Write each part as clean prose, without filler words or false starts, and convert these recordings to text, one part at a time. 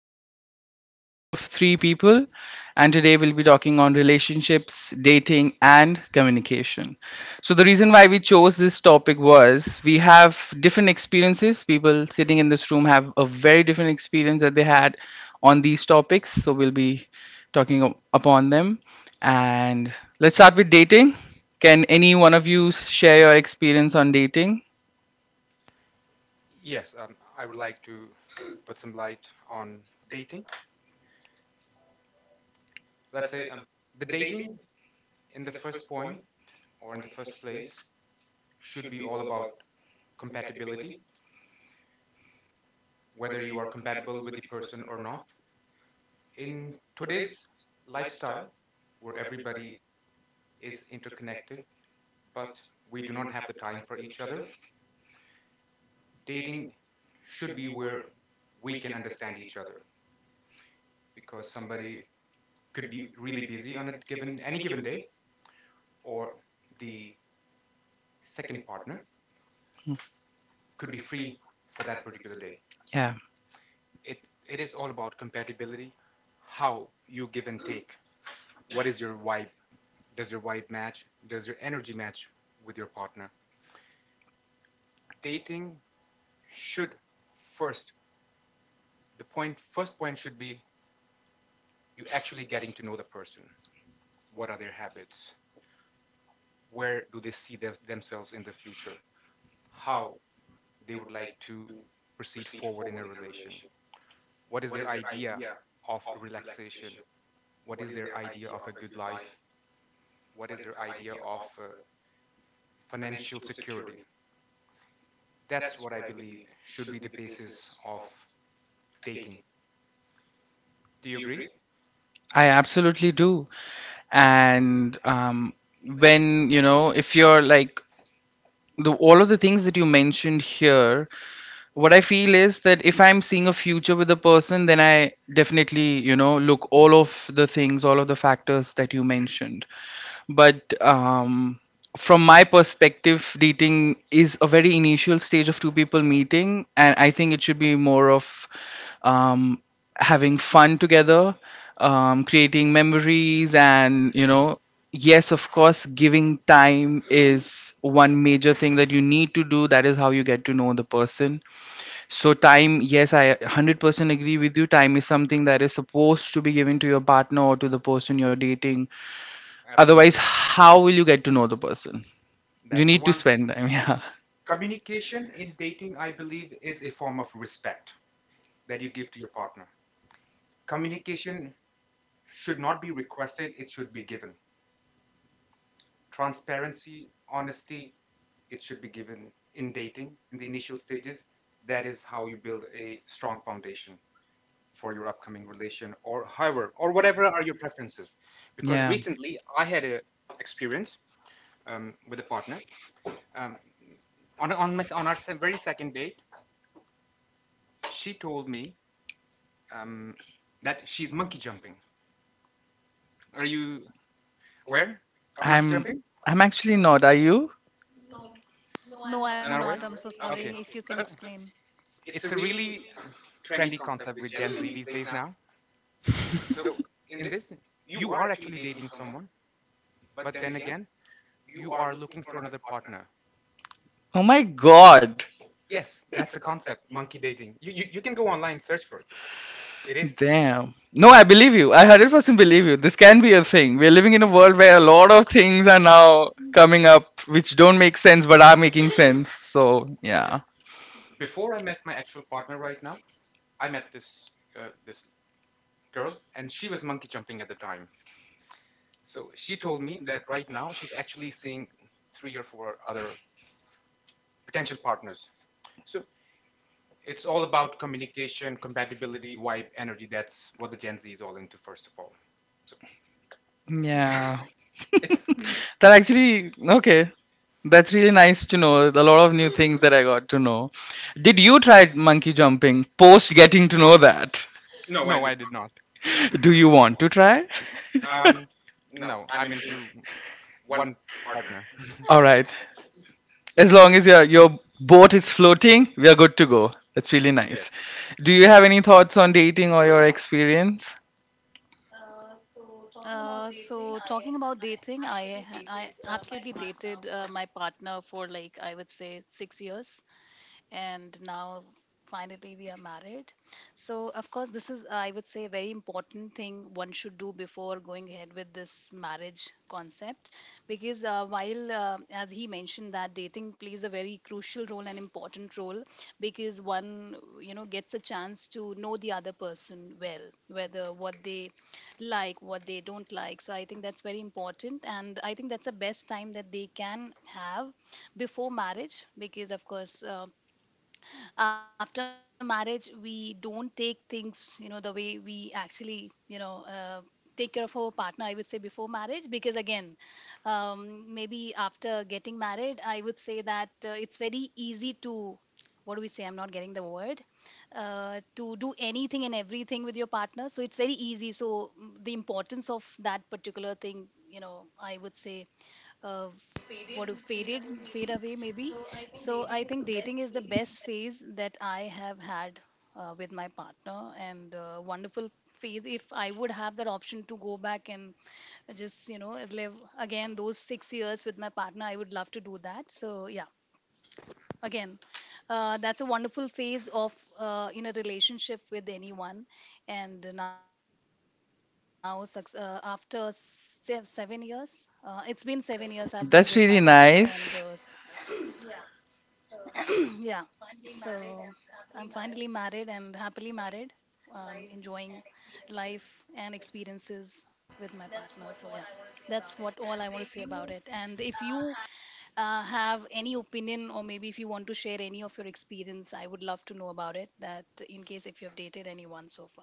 podcast. We are a group of three people, and today we'll be talking on relationships, dating, and communication. So, the reason why we chose this topic was we have different experiences. People sitting in this room have a very different experience that they had on these topics. So, we'll be talking upon them. And let's start with dating. Can any one of you share your experience on dating? Yes, I would like to put some light on dating. Let's say the dating in the first point in the first place should be all about compatibility, whether you are compatible with the person or not. In today's lifestyle, where everybody is interconnected, but we do not have the time for each other, dating should be where we can understand each other because somebody could be really busy on a given any given day or the second partner could be free for that particular day. Yeah. It it is all about compatibility, how you give and take. What is your vibe? Does your vibe match? Does your energy match with your partner? Dating should first the point First point should be you actually getting to know the person. What are their habits? Where do they see themselves in the future? How they would like to proceed forward in a relation? What is their idea of relaxation? What is their idea of a good life? What is their idea of financial security. That's what I believe should be the basis of dating. Do you agree? I absolutely do. And when, if you're like all of the things that you mentioned here, what I feel is that if I'm seeing a future with a person, then I definitely, look all of the factors that you mentioned, but from my perspective, dating is a very initial stage of two people meeting, and I think it should be more of um, having fun together, creating memories. And yes, of course, giving time is one major thing that you need to do. That is how you get to know the person. So time, yes, I 100% agree with you. Time is something that is supposed to be given to your partner or to the person you're dating. Otherwise, Absolutely. how will you get to know the person? You That's the need to one. spend time. Communication in dating, I believe, is a form of respect that you give to your partner. Communication should not be requested, it should be given. Transparency, honesty, it should be given in dating in the initial stages. That is how you build a strong foundation for your upcoming relation, or however, or whatever are your preferences, because Yeah. Yeah. recently I had a experience with a partner, um, on, my, on our very second date. She told me, um, that she's monkey jumping. Are you aware of monkey I'm jumping? I'm actually not. Are you? Not No, aware. I'm not. I'm so Okay, sorry. so If you can explain. it's a really trendy concept with Gen Z these days now. So in this, you are actually dating someone, but then again you are looking for another partner. Oh my god. Yes, that's a concept, monkey dating. You can go online, search for this. It is, Damn. No, I believe you. I 100% believe you. This can be a thing. We're living in a world where a lot of things are now coming up which don't make sense but are making sense. So, yeah. yes. Before I met my actual partner right now, I met this uh, this girl, and she was monkey jumping at the time. So she told me that right now she's actually seeing three or four other potential partners. So it's all about communication, compatibility, vibe, energy. That's what the Gen Z is all into, first of all. So Yeah. it's, That actually, okay. That's really nice to know. A lot of new things that I got to know. Did you try monkey jumping post getting to know that? no, I did not. Do you want to try? Um, no, I'm into one partner. All right. As long as your boat is floating, we are good to go. That's really Yes. nice. Do you have any thoughts on dating or your experience? So talking about dating, I absolutely dated my partner for like I would say 6 years, and now finally we are married. So of course this is, I would say, a very important thing one should do before going ahead with this marriage concept, because while as he mentioned, that dating plays a very crucial role and important role, because one, you know, gets a chance to know the other person well, whether what they like, what they don't like. So I think that's very important, and I think that's the best time that they can have before marriage. Because of course, after marriage, we don't take things, you know, the way we actually, you know, take care of our partner, I would say, before marriage. Because again, maybe after getting married, I would say that it's very easy to, what do we say, I'm not getting the word, to do anything and everything with your partner. So it's very easy. So the importance of that particular thing, you know, I would say, uh, what do, faded, fade away maybe. So I think dating is the best phase that I have had with my partner, and wonderful phase. If I would have that option to go back and just, you know, live again those 6 years with my partner, I would love to do that. So yeah, again, that's a wonderful phase of, in a relationship with anyone. And now after 7 years, it's been 7 years I've been with my partner, and That's really nice. Yeah. So I'm finally married and happily married, enjoying life and experiences with my partner. So, yeah, that's what all I want to say about it. And if you have any opinion, or maybe if you want to share any of your experience, I would love to know about it. That, in case if you have dated anyone so far.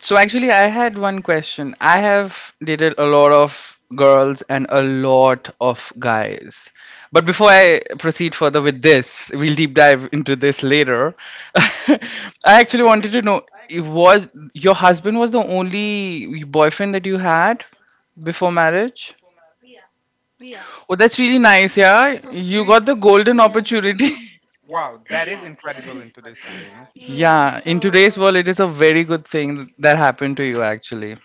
So actually, I had one question. I have dated a lot of girls and a lot of guys. But before I proceed further with this, we'll deep dive into this later. I actually wanted to know, it was your husband was the only boyfriend that you had before marriage? Yeah. Oh, that's really nice, yeah. So You sweet. got the golden Yeah. opportunity. Wow, that is incredible in today's time, you know? Yeah. Yeah, in today's So, world, it is a very good thing that happened to you, actually.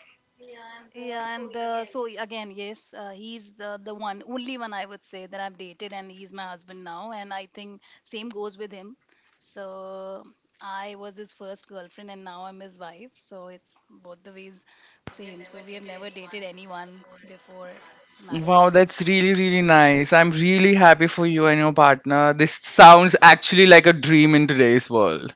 yeah, and yes, he's the one, only one, I would say, that I've dated, and he's my husband now. And I think same goes with him. So I was his first girlfriend, and now I'm his wife. So it's both the ways same. So we have never dated anyone before Wow, marriage. that's really, really nice. I'm really happy for you and your partner. This sounds actually like a dream in today's world.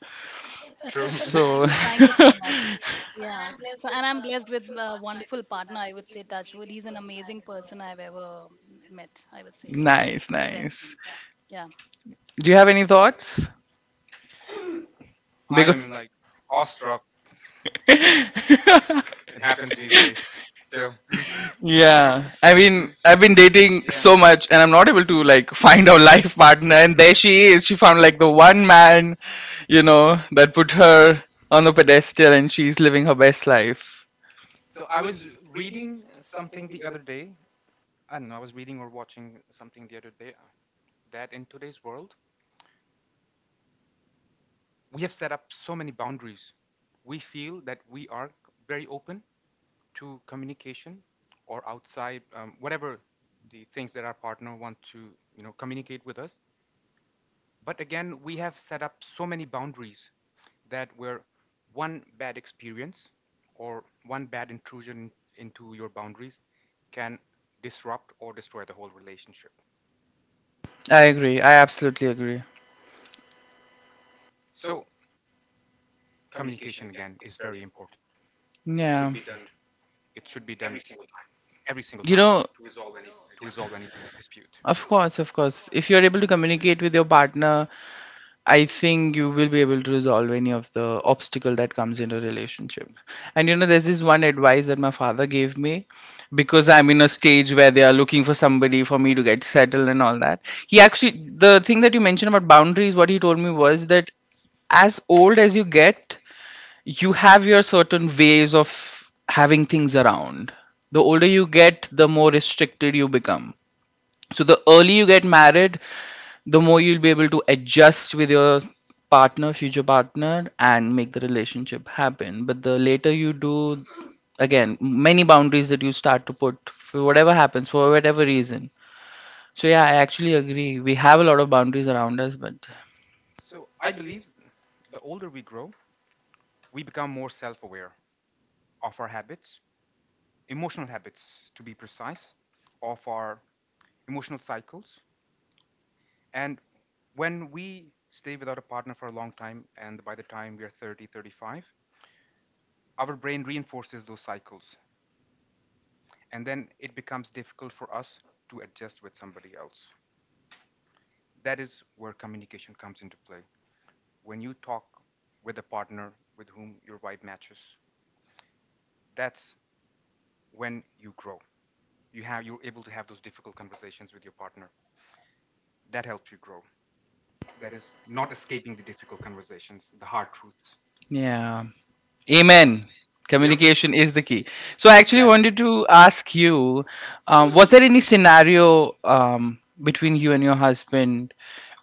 True. True. So Thank you so much. Yeah, so and I'm blessed with a wonderful partner, I would say, touchwood. He's an amazing person I've ever met, I would say, in my nice, life. He's the best nice. one. Yeah. Do you have any thoughts? I, I because am like awestruck. mean, like, It happens these days still. Yeah, I mean, Mm, I've been dating yeah. so much, and I'm not able to like find a life partner. And there she is. She found like the one man, that put her on a pedestal, and she's living her best life. So I was reading something the other day. I don't know, I was reading or watching something the other day that in today's world, we have set up so many boundaries. We feel that we are very open to communication, or outside, whatever the things that our partner want to communicate with us, but again we have set up so many boundaries that where one bad experience or one bad intrusion into your boundaries can disrupt or destroy the whole relationship. I agree. I absolutely agree. So communication again is very important. It should Yeah. be done every single time You know, to resolve any dispute. of course, of course. If you're able to communicate with your partner, I think you will be able to resolve any of the obstacle that comes in a relationship. And there's this one advice that my father gave me because I'm in a stage where they are looking for somebody for me to get settled and all that. He actually, the thing that you mentioned about boundaries, what he told me was that as old as you get, you have your certain ways of having things around. The older you get, the more restricted you become, so the early you get married, the more you'll be able to adjust with your partner, future partner, and make the relationship happen. But the later you do, again, many boundaries that you start to put for whatever happens, for whatever reason. So yeah, I actually agree. We have a lot of boundaries around us, but So I believe the older we grow, we become more self-aware of our habits, emotional habits to be precise, of our emotional cycles. And when we stay without a partner for a long time, and by the time we are 30, 35, our brain reinforces those cycles. And then it becomes difficult for us to adjust with somebody else. That is where communication comes into play. When you talk with a partner with whom your vibe matches, that's when you grow. You're able to have those difficult conversations with your partner. That helps you grow. That is not escaping the difficult conversations, the hard truths. yeah. Amen. Yep. Yep, Communication is the key. So I actually that is. wanted to ask you, was there any scenario between you and your husband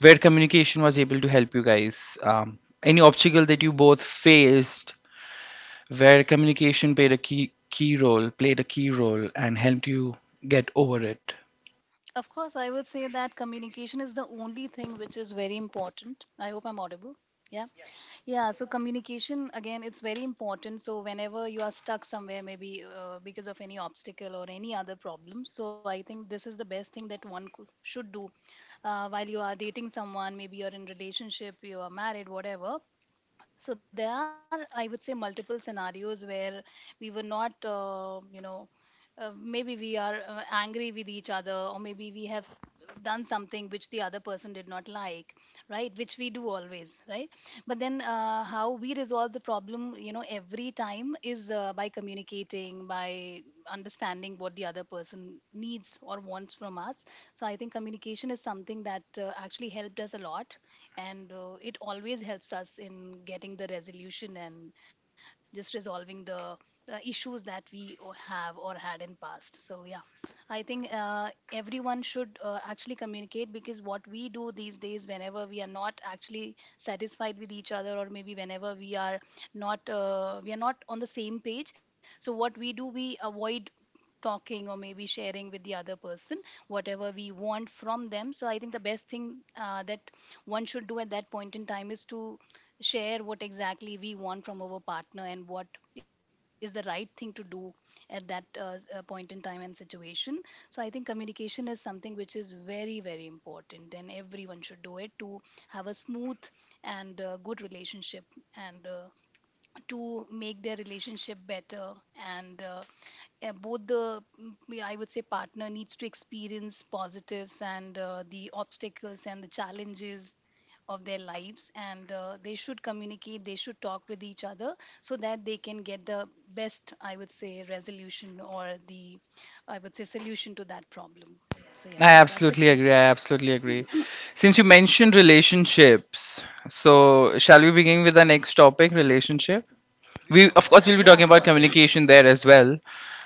where communication was able to help you guys? Any obstacle that you both faced where communication played a key role, and helped you get over it? Of course, I would say that communication is the only thing which is very important. I hope I'm audible. Yeah. Yeah. So, communication, again, it's very important. So, whenever you are stuck somewhere, maybe because of any obstacle or any other problem, so I think this is the best thing that one could, should do while you are dating someone, maybe you're in relationship, you are married, whatever. So there are, I would say, multiple scenarios where we were not, you know, maybe we are angry with each other, or maybe we have done something which the other person did not like, right, which we do always, right. But then how we resolve the problem, you know, every time is by communicating, by understanding what the other person needs or wants from us. So I think communication is something that actually helped us a lot, and it always helps us in getting the resolution and just resolving the issues that we have or had in past. So yeah, I think everyone should actually communicate, because what we do these days, whenever we are not actually satisfied with each other, or maybe whenever we are not on the same page, so what we do, we avoid talking or maybe sharing with the other person whatever we want from them. So I think the best thing that one should do at that point in time is to share what exactly we want from our partner and what is the right thing to do at that point in time and situation. So I think communication is something which is very, very important, and everyone should do it to have a smooth and good relationship, and to make their relationship better, and both the yeah, I would say, partner needs to experience positives, and the obstacles and the challenges of their lives, and they should communicate, they should talk with each other so that they can get the best, I would say, resolution, or the, I would say, solution to that problem. So I yeah, that's absolutely a agree. key. I absolutely agree. Since you mentioned relationships, so shall we begin with the next topic, relationship? We, of course, we'll be talking Yeah, about of Right. course. communication there as well,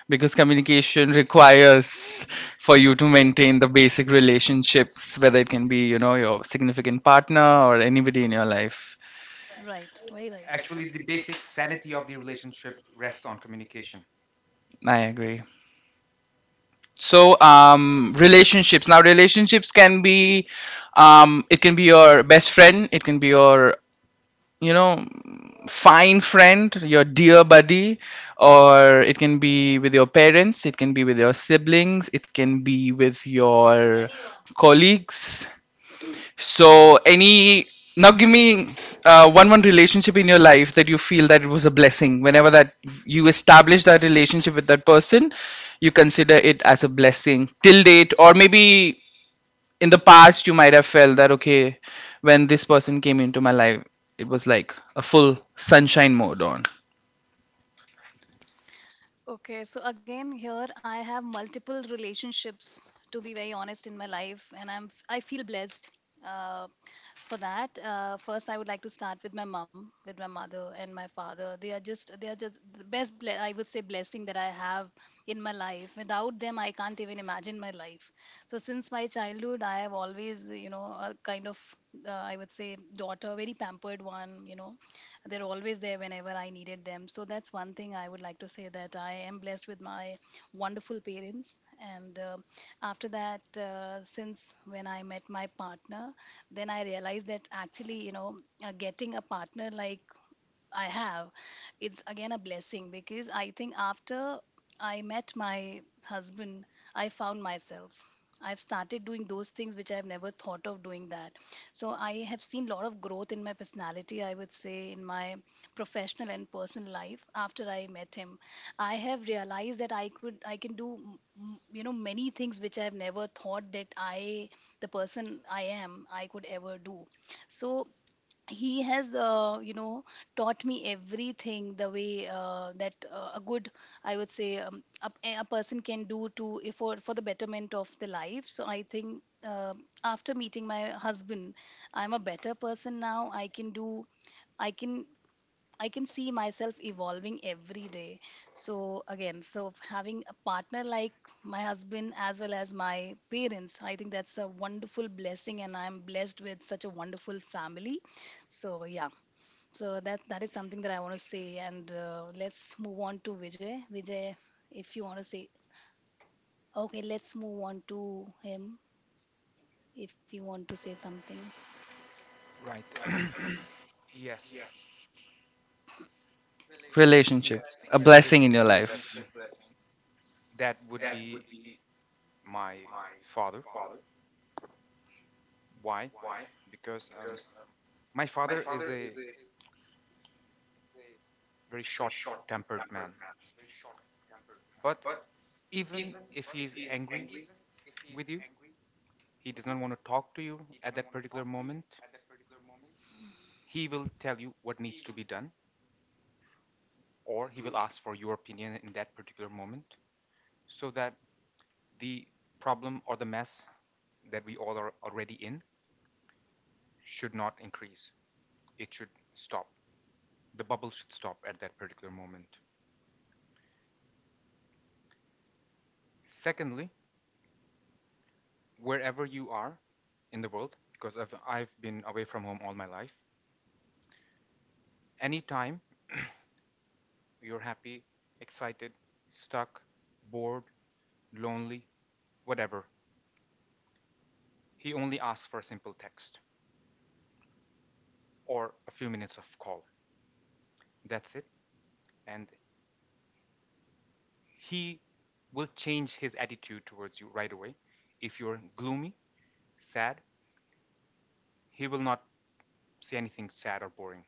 because communication requires for you to maintain the basic relationships, whether it can be your significant partner or anybody in your life. Right, very Actually, right. the basic sanity of the relationship rests on communication. I agree. So, relationships. Now, relationships can be, it can be your best friend, it can be your, you know fine friend, your dear buddy, or it can be with your parents, it can be with your siblings, it can be with your colleagues. So any. Now, give me one relationship in your life that you feel that it was a blessing, whenever that you establish that relationship with that person. You consider it as a blessing till date, or maybe in the past you might have felt that, okay, when this person came into my life, it was like a full sunshine mode on. Okay, so again here I have multiple relationships, to be very honest, in my life, and I feel blessed uh, for that. First I would like to start with my mom, with my mother and my father. They are just, they are just the best I would say blessing that I have in my life. Without them I can't even imagine my life. So since my childhood I have always, you know, a kind of, I would say, daughter, very pampered one, you know, they're always there whenever I needed them. So that's one thing I would like to say, that I am blessed with my wonderful parents. And after that, since when I met my partner, then I realized that actually, you know, getting a partner like I have, it's again a blessing, because I think after I met my husband, I found myself. I've started doing those things which I've never thought of doing that. So I have seen lot of growth in my personality, I would say, in my professional and personal life after I met him. I have realized that I can do you know, many things which I've never thought that I the person I am I could ever do. So he has, you know, taught me everything the way that a good, I would say, a person can do to, if, for the betterment of the life. So I think uh, after meeting my husband, I'm a better person now. I can do I can I can see myself evolving every day. So again, so having a partner like my husband as well as my parents, I think that's a wonderful blessing, and I'm blessed with such a wonderful family. So yeah, so that, that is something that I want to say. And let's move on to Vijay. Vijay, if you want to say, okay, let's move on to him if you want to say something. Right. Yes. Relationship, a Yes. blessing in your life? Relationship blessing. That would be my father. Why? Because my father is a very short tempered man. But even if he's angry with you, he does not want to talk to you at that particular moment, he will tell you what needs to be done, or he will ask for your opinion in that particular moment, so that the problem or the mess that we all are already in should not increase. It should stop. The bubble should stop at that particular moment. Secondly, wherever you are in the world, because I've been away from home all my life, anytime you're happy, excited, stuck, bored, lonely, whatever, he only asks for a simple text or a few minutes of call. That's it. And he will change his attitude towards you right away. If you're gloomy, sad, he will not say anything sad or boring.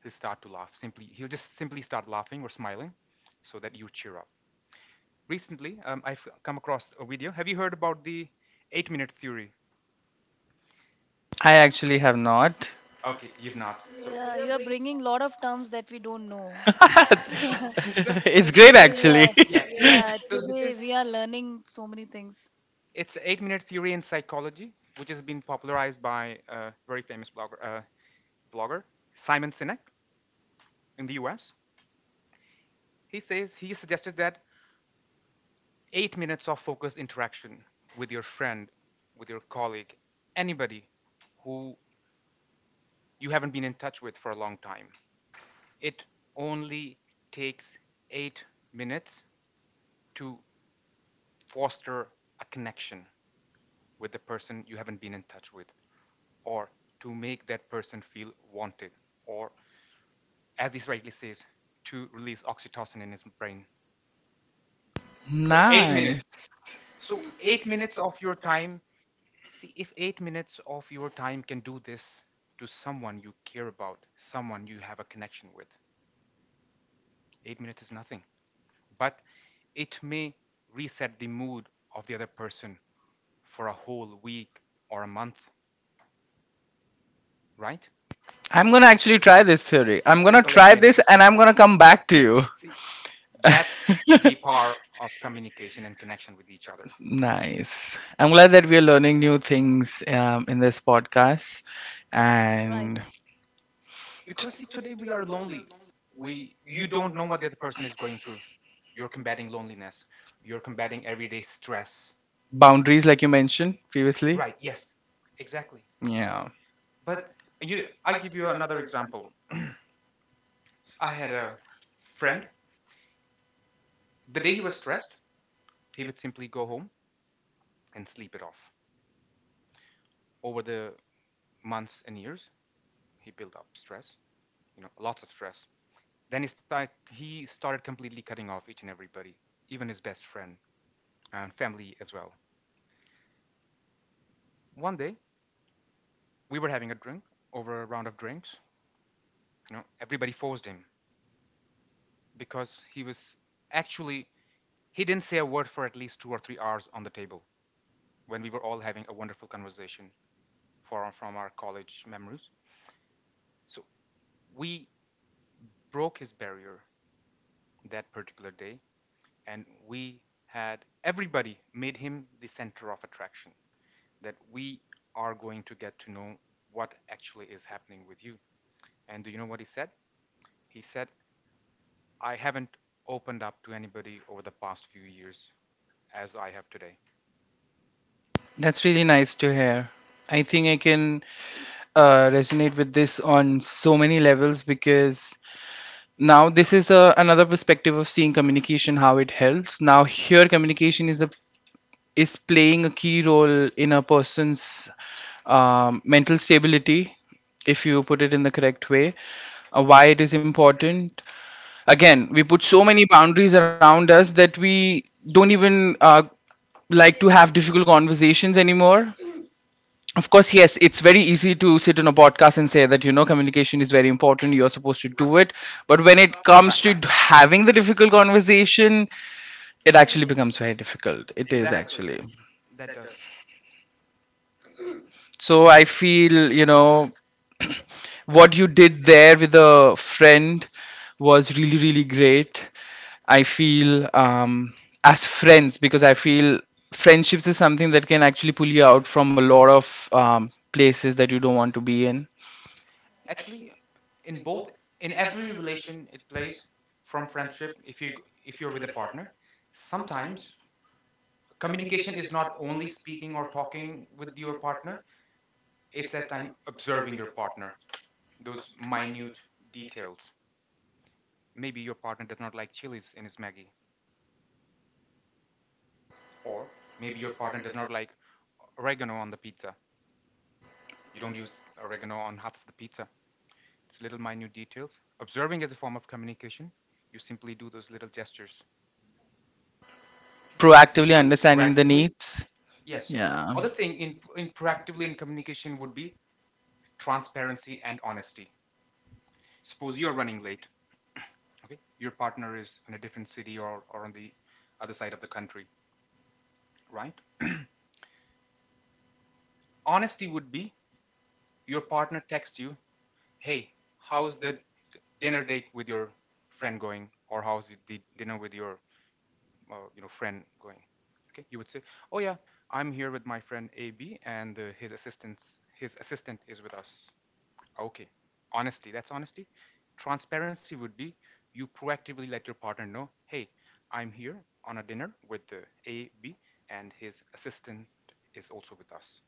He'll start to laugh. Simply, he'll just simply start laughing or smiling, so that you cheer up. Recently, I've come across a video. Have you heard about the 8-minute theory? I actually have not. Okay, you've not. So, Yeah, you are bringing lot of terms that we don't know. so It's So great today we actually. are, yes. yeah, So, this today is. we are learning so many things. It's 8-minute theory in psychology, which has been popularized by a very famous blogger Simon Sinek in the US. He suggested that 8 minutes of focused interaction with your friend, with your colleague, anybody who you haven't been in touch with for a long time. It only takes 8 minutes to foster a connection with the person you haven't been in touch with, or to make that person feel wanted, or, as this rightly says, to release oxytocin in his brain. So 8 minutes. Nice, So 8 minutes of your time. See, if 8 minutes of your time can do this to someone you care about, someone you have a connection with, 8 minutes is nothing. But it may reset the mood of the other person for a whole week or a month, right? I'm I'm gonna gonna actually actually try try this this. I'm theory. I'm gonna gonna simple eight try try this this, minutes. And and I'm I'm gonna gonna come come back back to to you. See, that's you. the power of communication and connection with each other. Nice. I'm glad that we are learning new things in this podcast, and Right. Because see, today we are lonely. We you don't know what the other person is going through. You're combating loneliness, you're combating everyday stress. boundaries, like you mentioned previously. Right, yes, exactly. Yeah, But you I give you another example. I had a friend. The day he was stressed, he would simply go home and sleep it off. Over the months and years, he built up stress, lots of stress. Then he started completely cutting off each and everybody, even his best friend and family as well. One day we were having a drink, over a round of drinks. You know, everybody forced him because he was actually he didn't say a word for at least 2 or 3 hours on the table, when we were all having a wonderful conversation from our college memories. So we broke his barrier that particular day, and we had everybody made him the center of attraction. That we are going to get to know what actually is happening with you. And do you know what he said? He said, I haven't opened up to anybody over the past few years as I have today. that's really nice to hear. I think I can resonate with this on so many levels, because now this is another perspective of seeing communication, how it helps. Now, here, communication is playing a key role in a person's mental stability, if you put it in the correct way, why it is important. Again, we put so many boundaries around us that we don't even like to have difficult conversations anymore. Of course, yes, it's very easy to sit on a podcast and say that, communication is very important, you're supposed to do it. But when it comes Right. to having the difficult conversation, it actually becomes very difficult. It is Exactly. actually. That does. So I feel, what you did there with a friend was really, really great. I feel as friends, because I feel friendships is something that can actually pull you out from a lot of places that you don't want to be in. Actually, in both in every relation it plays. From friendship, if you if you're with a partner, sometimes communication is not only speaking or talking with your partner, it's at time observing your partner. Those minute details. Maybe your partner does not like chilies in his Maggie, or maybe your partner does not like oregano on the pizza. You don't use oregano on half of the pizza. It's little minute details. Observing is a form of communication. You simply do those little gestures. Proactively understanding the Proactively, needs. yes. Other Yeah. thing in proactively in communication would be transparency and honesty. Suppose you're running late, okay? Your partner is in a different city, or, on the other side of the country, right? Honesty would be: your partner texts you, hey, how's the dinner date with your friend going? Or how's the dinner with your friend going? Okay, you would say, oh yeah, I'm here with my friend AB, and his assistant is with us. Okay, honesty, that's honesty. Transparency would be: you proactively let your partner know, hey, I'm here on a dinner with the AB, and his assistant is also with us.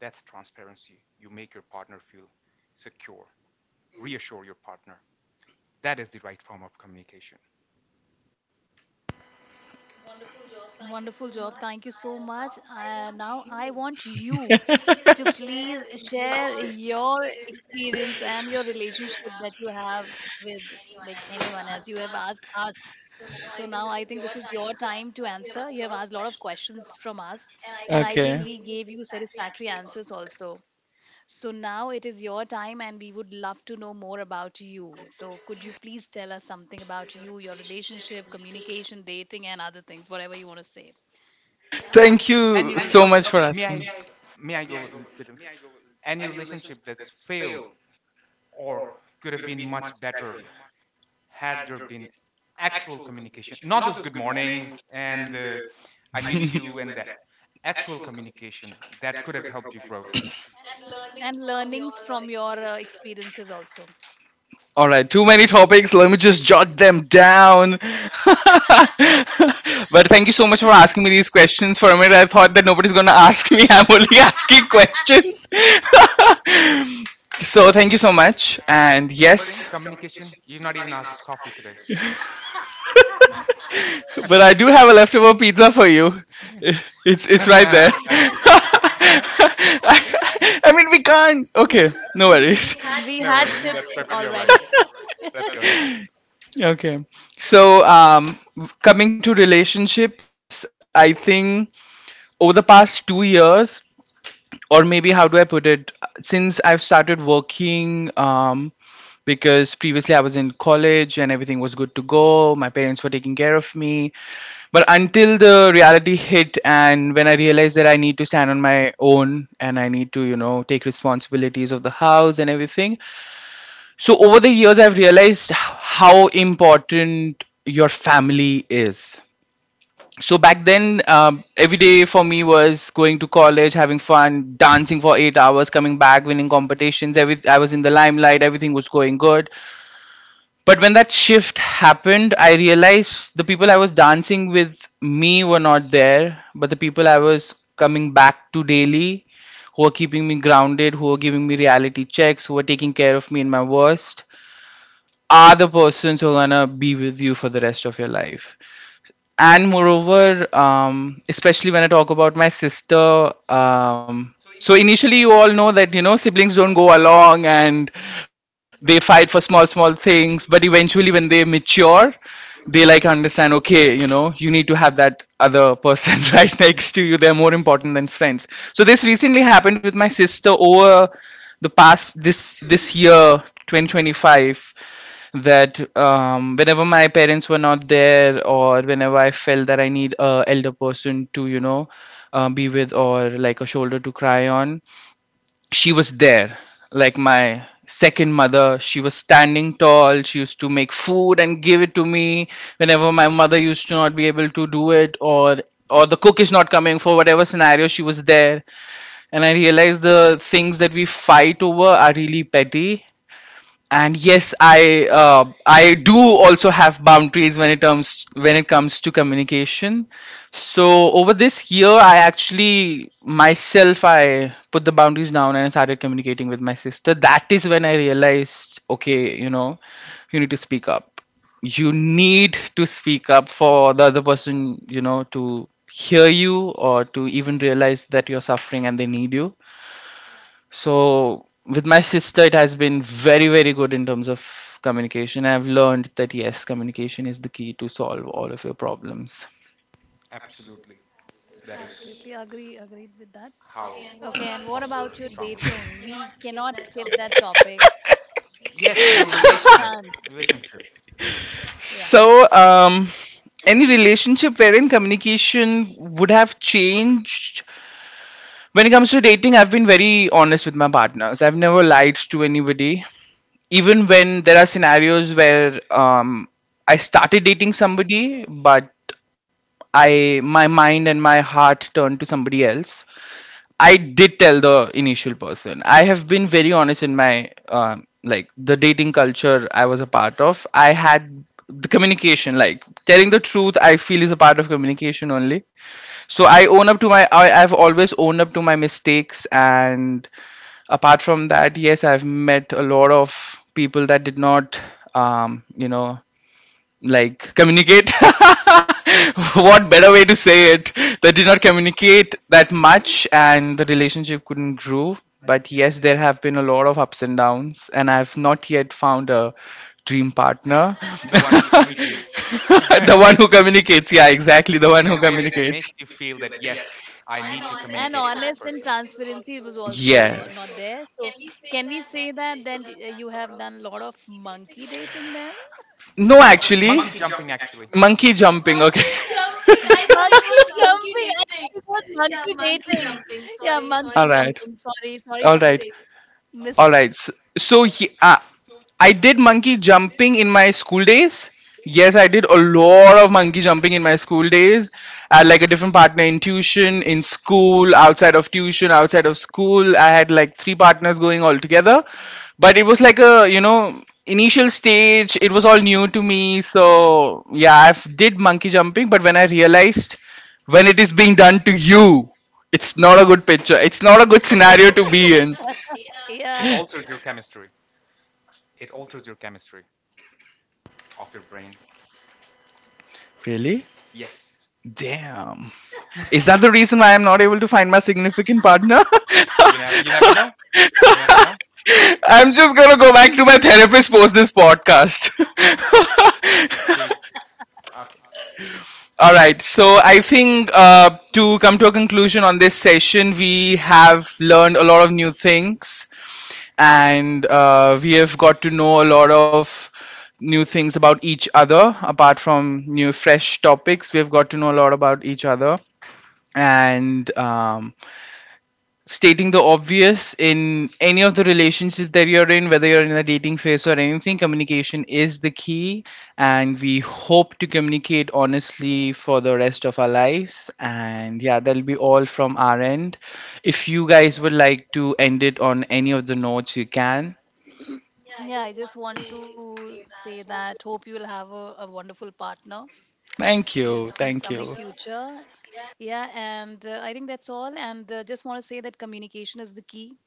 That's transparency. You make your partner feel secure, reassure your partner. That is the right form of communication. Wonderful job. Thank you so much. Now I want you to please share your experience and your relationship that you have with like anyone as you have asked us. So now I think this is your time to answer. You have asked a lot of questions from us, and I think we Okay. gave you satisfactory answers also. So now it is your time, and we would love to know more about you. So, could you please tell us something about you, your relationship, communication, dating, and other things, whatever you want to say? Yeah. Thank Any, you really? so Okay, much for may asking. i may I go a little bit of... Any relationship that's failed or could have been much better had there been actual communication, not those good mornings and I miss you, and that actual communication that could have helped you grow. And learnings from your experiences also. All right, too many topics. Let me just jot them down. But thank you so much for asking me these questions. For a minute, I thought that nobody's going to ask me. I'm only asking questions. So thank you so much. And First yes. thing, communication. You've not even asked us coffee today. But I do have a leftover pizza for you. It's right Um, there. um, I mean, we can't. Okay, no worries. no We worries. had That's tips perfectly all right. already. Let's go ahead. Okay. So, coming to relationships, I think over the past 2 years, or maybe how do I put it, since I've started working, because previously I was in college and everything was good to go, my parents were taking care of me. But until the reality hit, and when I realized that I need to stand on my own and I need to, take responsibilities of the house and everything, so over the years, I've realized how important your family is. So back then, every day for me was going to college, having fun, dancing for 8 hours, coming back, winning competitions. Every I was in the limelight, everything was going good. But when that shift happened, I realized the people I was dancing with me were not there, but the people I was coming back to daily, who were keeping me grounded, who were giving me reality checks, who were taking care of me in my worst are the persons who are gonna be with you for the rest of your life. And moreover, especially when I talk about my sister, so initially you all know that siblings don't go along and they fight for small small things, but eventually when they mature, they like understand, okay, you need to have that other person right next to you. They're more important than friends. So this recently happened with my sister over the past this year 2025. That whenever my parents were not there or whenever I felt that I need a elder person to be with or like a shoulder to cry on, she was there. Like my second mother, she was standing tall. She used to make food and give it to me whenever my mother used to not be able to do it, or the cook is not coming for whatever scenario, she was there. And I realized the things that we fight over are really petty. And yes, I I do also have boundaries when it comes to communication. So over this year, I actually myself, I put the boundaries down and I started communicating with my sister. That is when I realized, okay, you need to speak up. You need to speak up for the other person, to hear you or to even realize that you're suffering and they need you. So with my sister, it has been very, very good in terms of communication. I've learned that yes, communication is the key to solve all of your problems. Absolutely. That is Absolutely agree, agreed with that. how Okay, you and what foster about a your strong relation. dating? We cannot skip that topic. Yes, your We just relation, can't. relationship, Yeah, So, any relationship wherein communication would have changed? When it comes to dating, I've been very honest with my partners. I've never lied to anybody. Even when there are scenarios where I started dating somebody, but I my mind and my heart turned to somebody else. I did tell the initial person. I have been very honest in my like the dating culture I was a part of. I had the communication, like telling the truth, I feel, is a part of communication only. So I own up to my. I've always owned up to my mistakes, and apart from that, yes, I've met a lot of people that did not, um, you know, like communicate, what better way to say it, they did not communicate that much and the relationship couldn't grow. But yes, there have been a lot of ups and downs and I've not yet found a dream partner. the one who communicates. The one who communicates, yeah, exactly, the one In who a way that communicates. makes you feel that yes, I need to and communicate with the honest, and person. transparency was also not. Yeah, Yes. there. So can we say that then you have done a lot of monkey dating then? No, Monkey jumping actually. monkey jumping. Monkey jumping. I thought it was monkey dating. Yeah, monkey jumping, sorry, sorry for the mistake. All right. So I did monkey jumping in my school days. Yes, I did a lot of monkey jumping in my school days. I had like a different partner in tuition, in school, outside of tuition, outside of school. I had like 3 partners going all together. But it was like a, initial stage. It was all new to me. So yeah, I have did monkey jumping. But when I realized when it is being done to you, it's not a good picture. It's not a good scenario to be in. It Yeah. alters your chemistry. It alters your chemistry of your brain. Really? Yes. Damn. Is that the reason why I'm not able to find my significant partner? You never know. You never know. I'm just gonna go back to my therapist post this podcast. Please. Okay. All right, so I think to come to a conclusion on this session, we have learned a lot of new things and we have got to know a lot of new things about each other. Apart from new fresh topics, we have got to know a lot about each other. And stating the obvious, in any of the relationship that you're in, whether you're in a dating phase or anything, communication is the key. And we hope to communicate honestly for the rest of our lives. And yeah, that'll be all from our end. If you guys would like to end it on any of the notes, you can. Yeah, I just want to say that hope you'll have a wonderful partner Thank you. in Thank coming you. future. Yeah, and I think that's all, and just want to say that communication is the key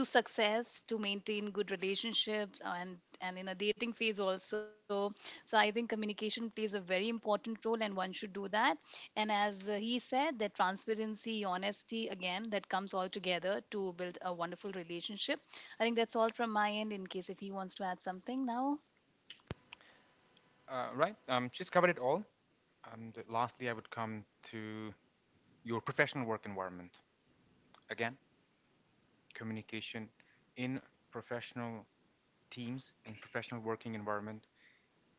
to success, to maintain good relationships, and in a dating phase also. So I think communication plays a very important role, and one should do that. And as he said that transparency, honesty, again, that comes all together to build a wonderful relationship. I think that's all from my end, in case if he wants to add something now. Right. She's covered it all. And lastly, I would come to your professional work environment. Again, communication in professional teams, in professional working environment,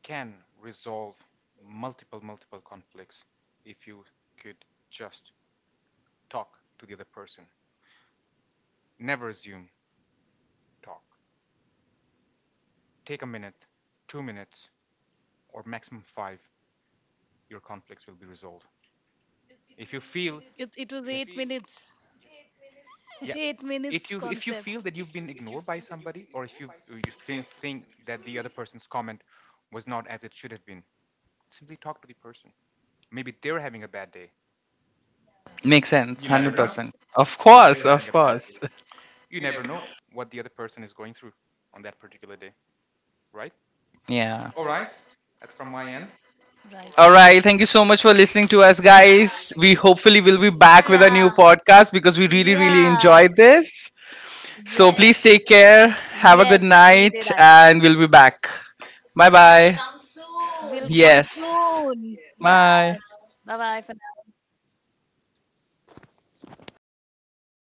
can resolve multiple conflicts if you could just talk to the other person. Never assume. Talk. Take a minute, 2 minutes, or maximum five. Your conflicts will be resolved, if you It was feel — eight yes. minutes eight Yeah, minutes concept. If you feel that you've been ignored by somebody, or if you think that the other person's comment was not as it should have been, simply talk to the person. Maybe they're having a bad day. Makes You sense. never know. 100%. Of Of Maybe course. course. They're having Of a bad day. course. You never know what the other person is going through on that particular day, right? Yeah. All right, Right, right. that's from my end. All right, thank you so much for listening to us, guys. Yeah. We hopefully will be back with a new Yeah. podcast because we really, really enjoyed Yes. this. So please take Yes, we care, did have a actually. good night, and we'll be back. Bye bye. We'll come soon. Yes. Yeah. Bye Bye. bye for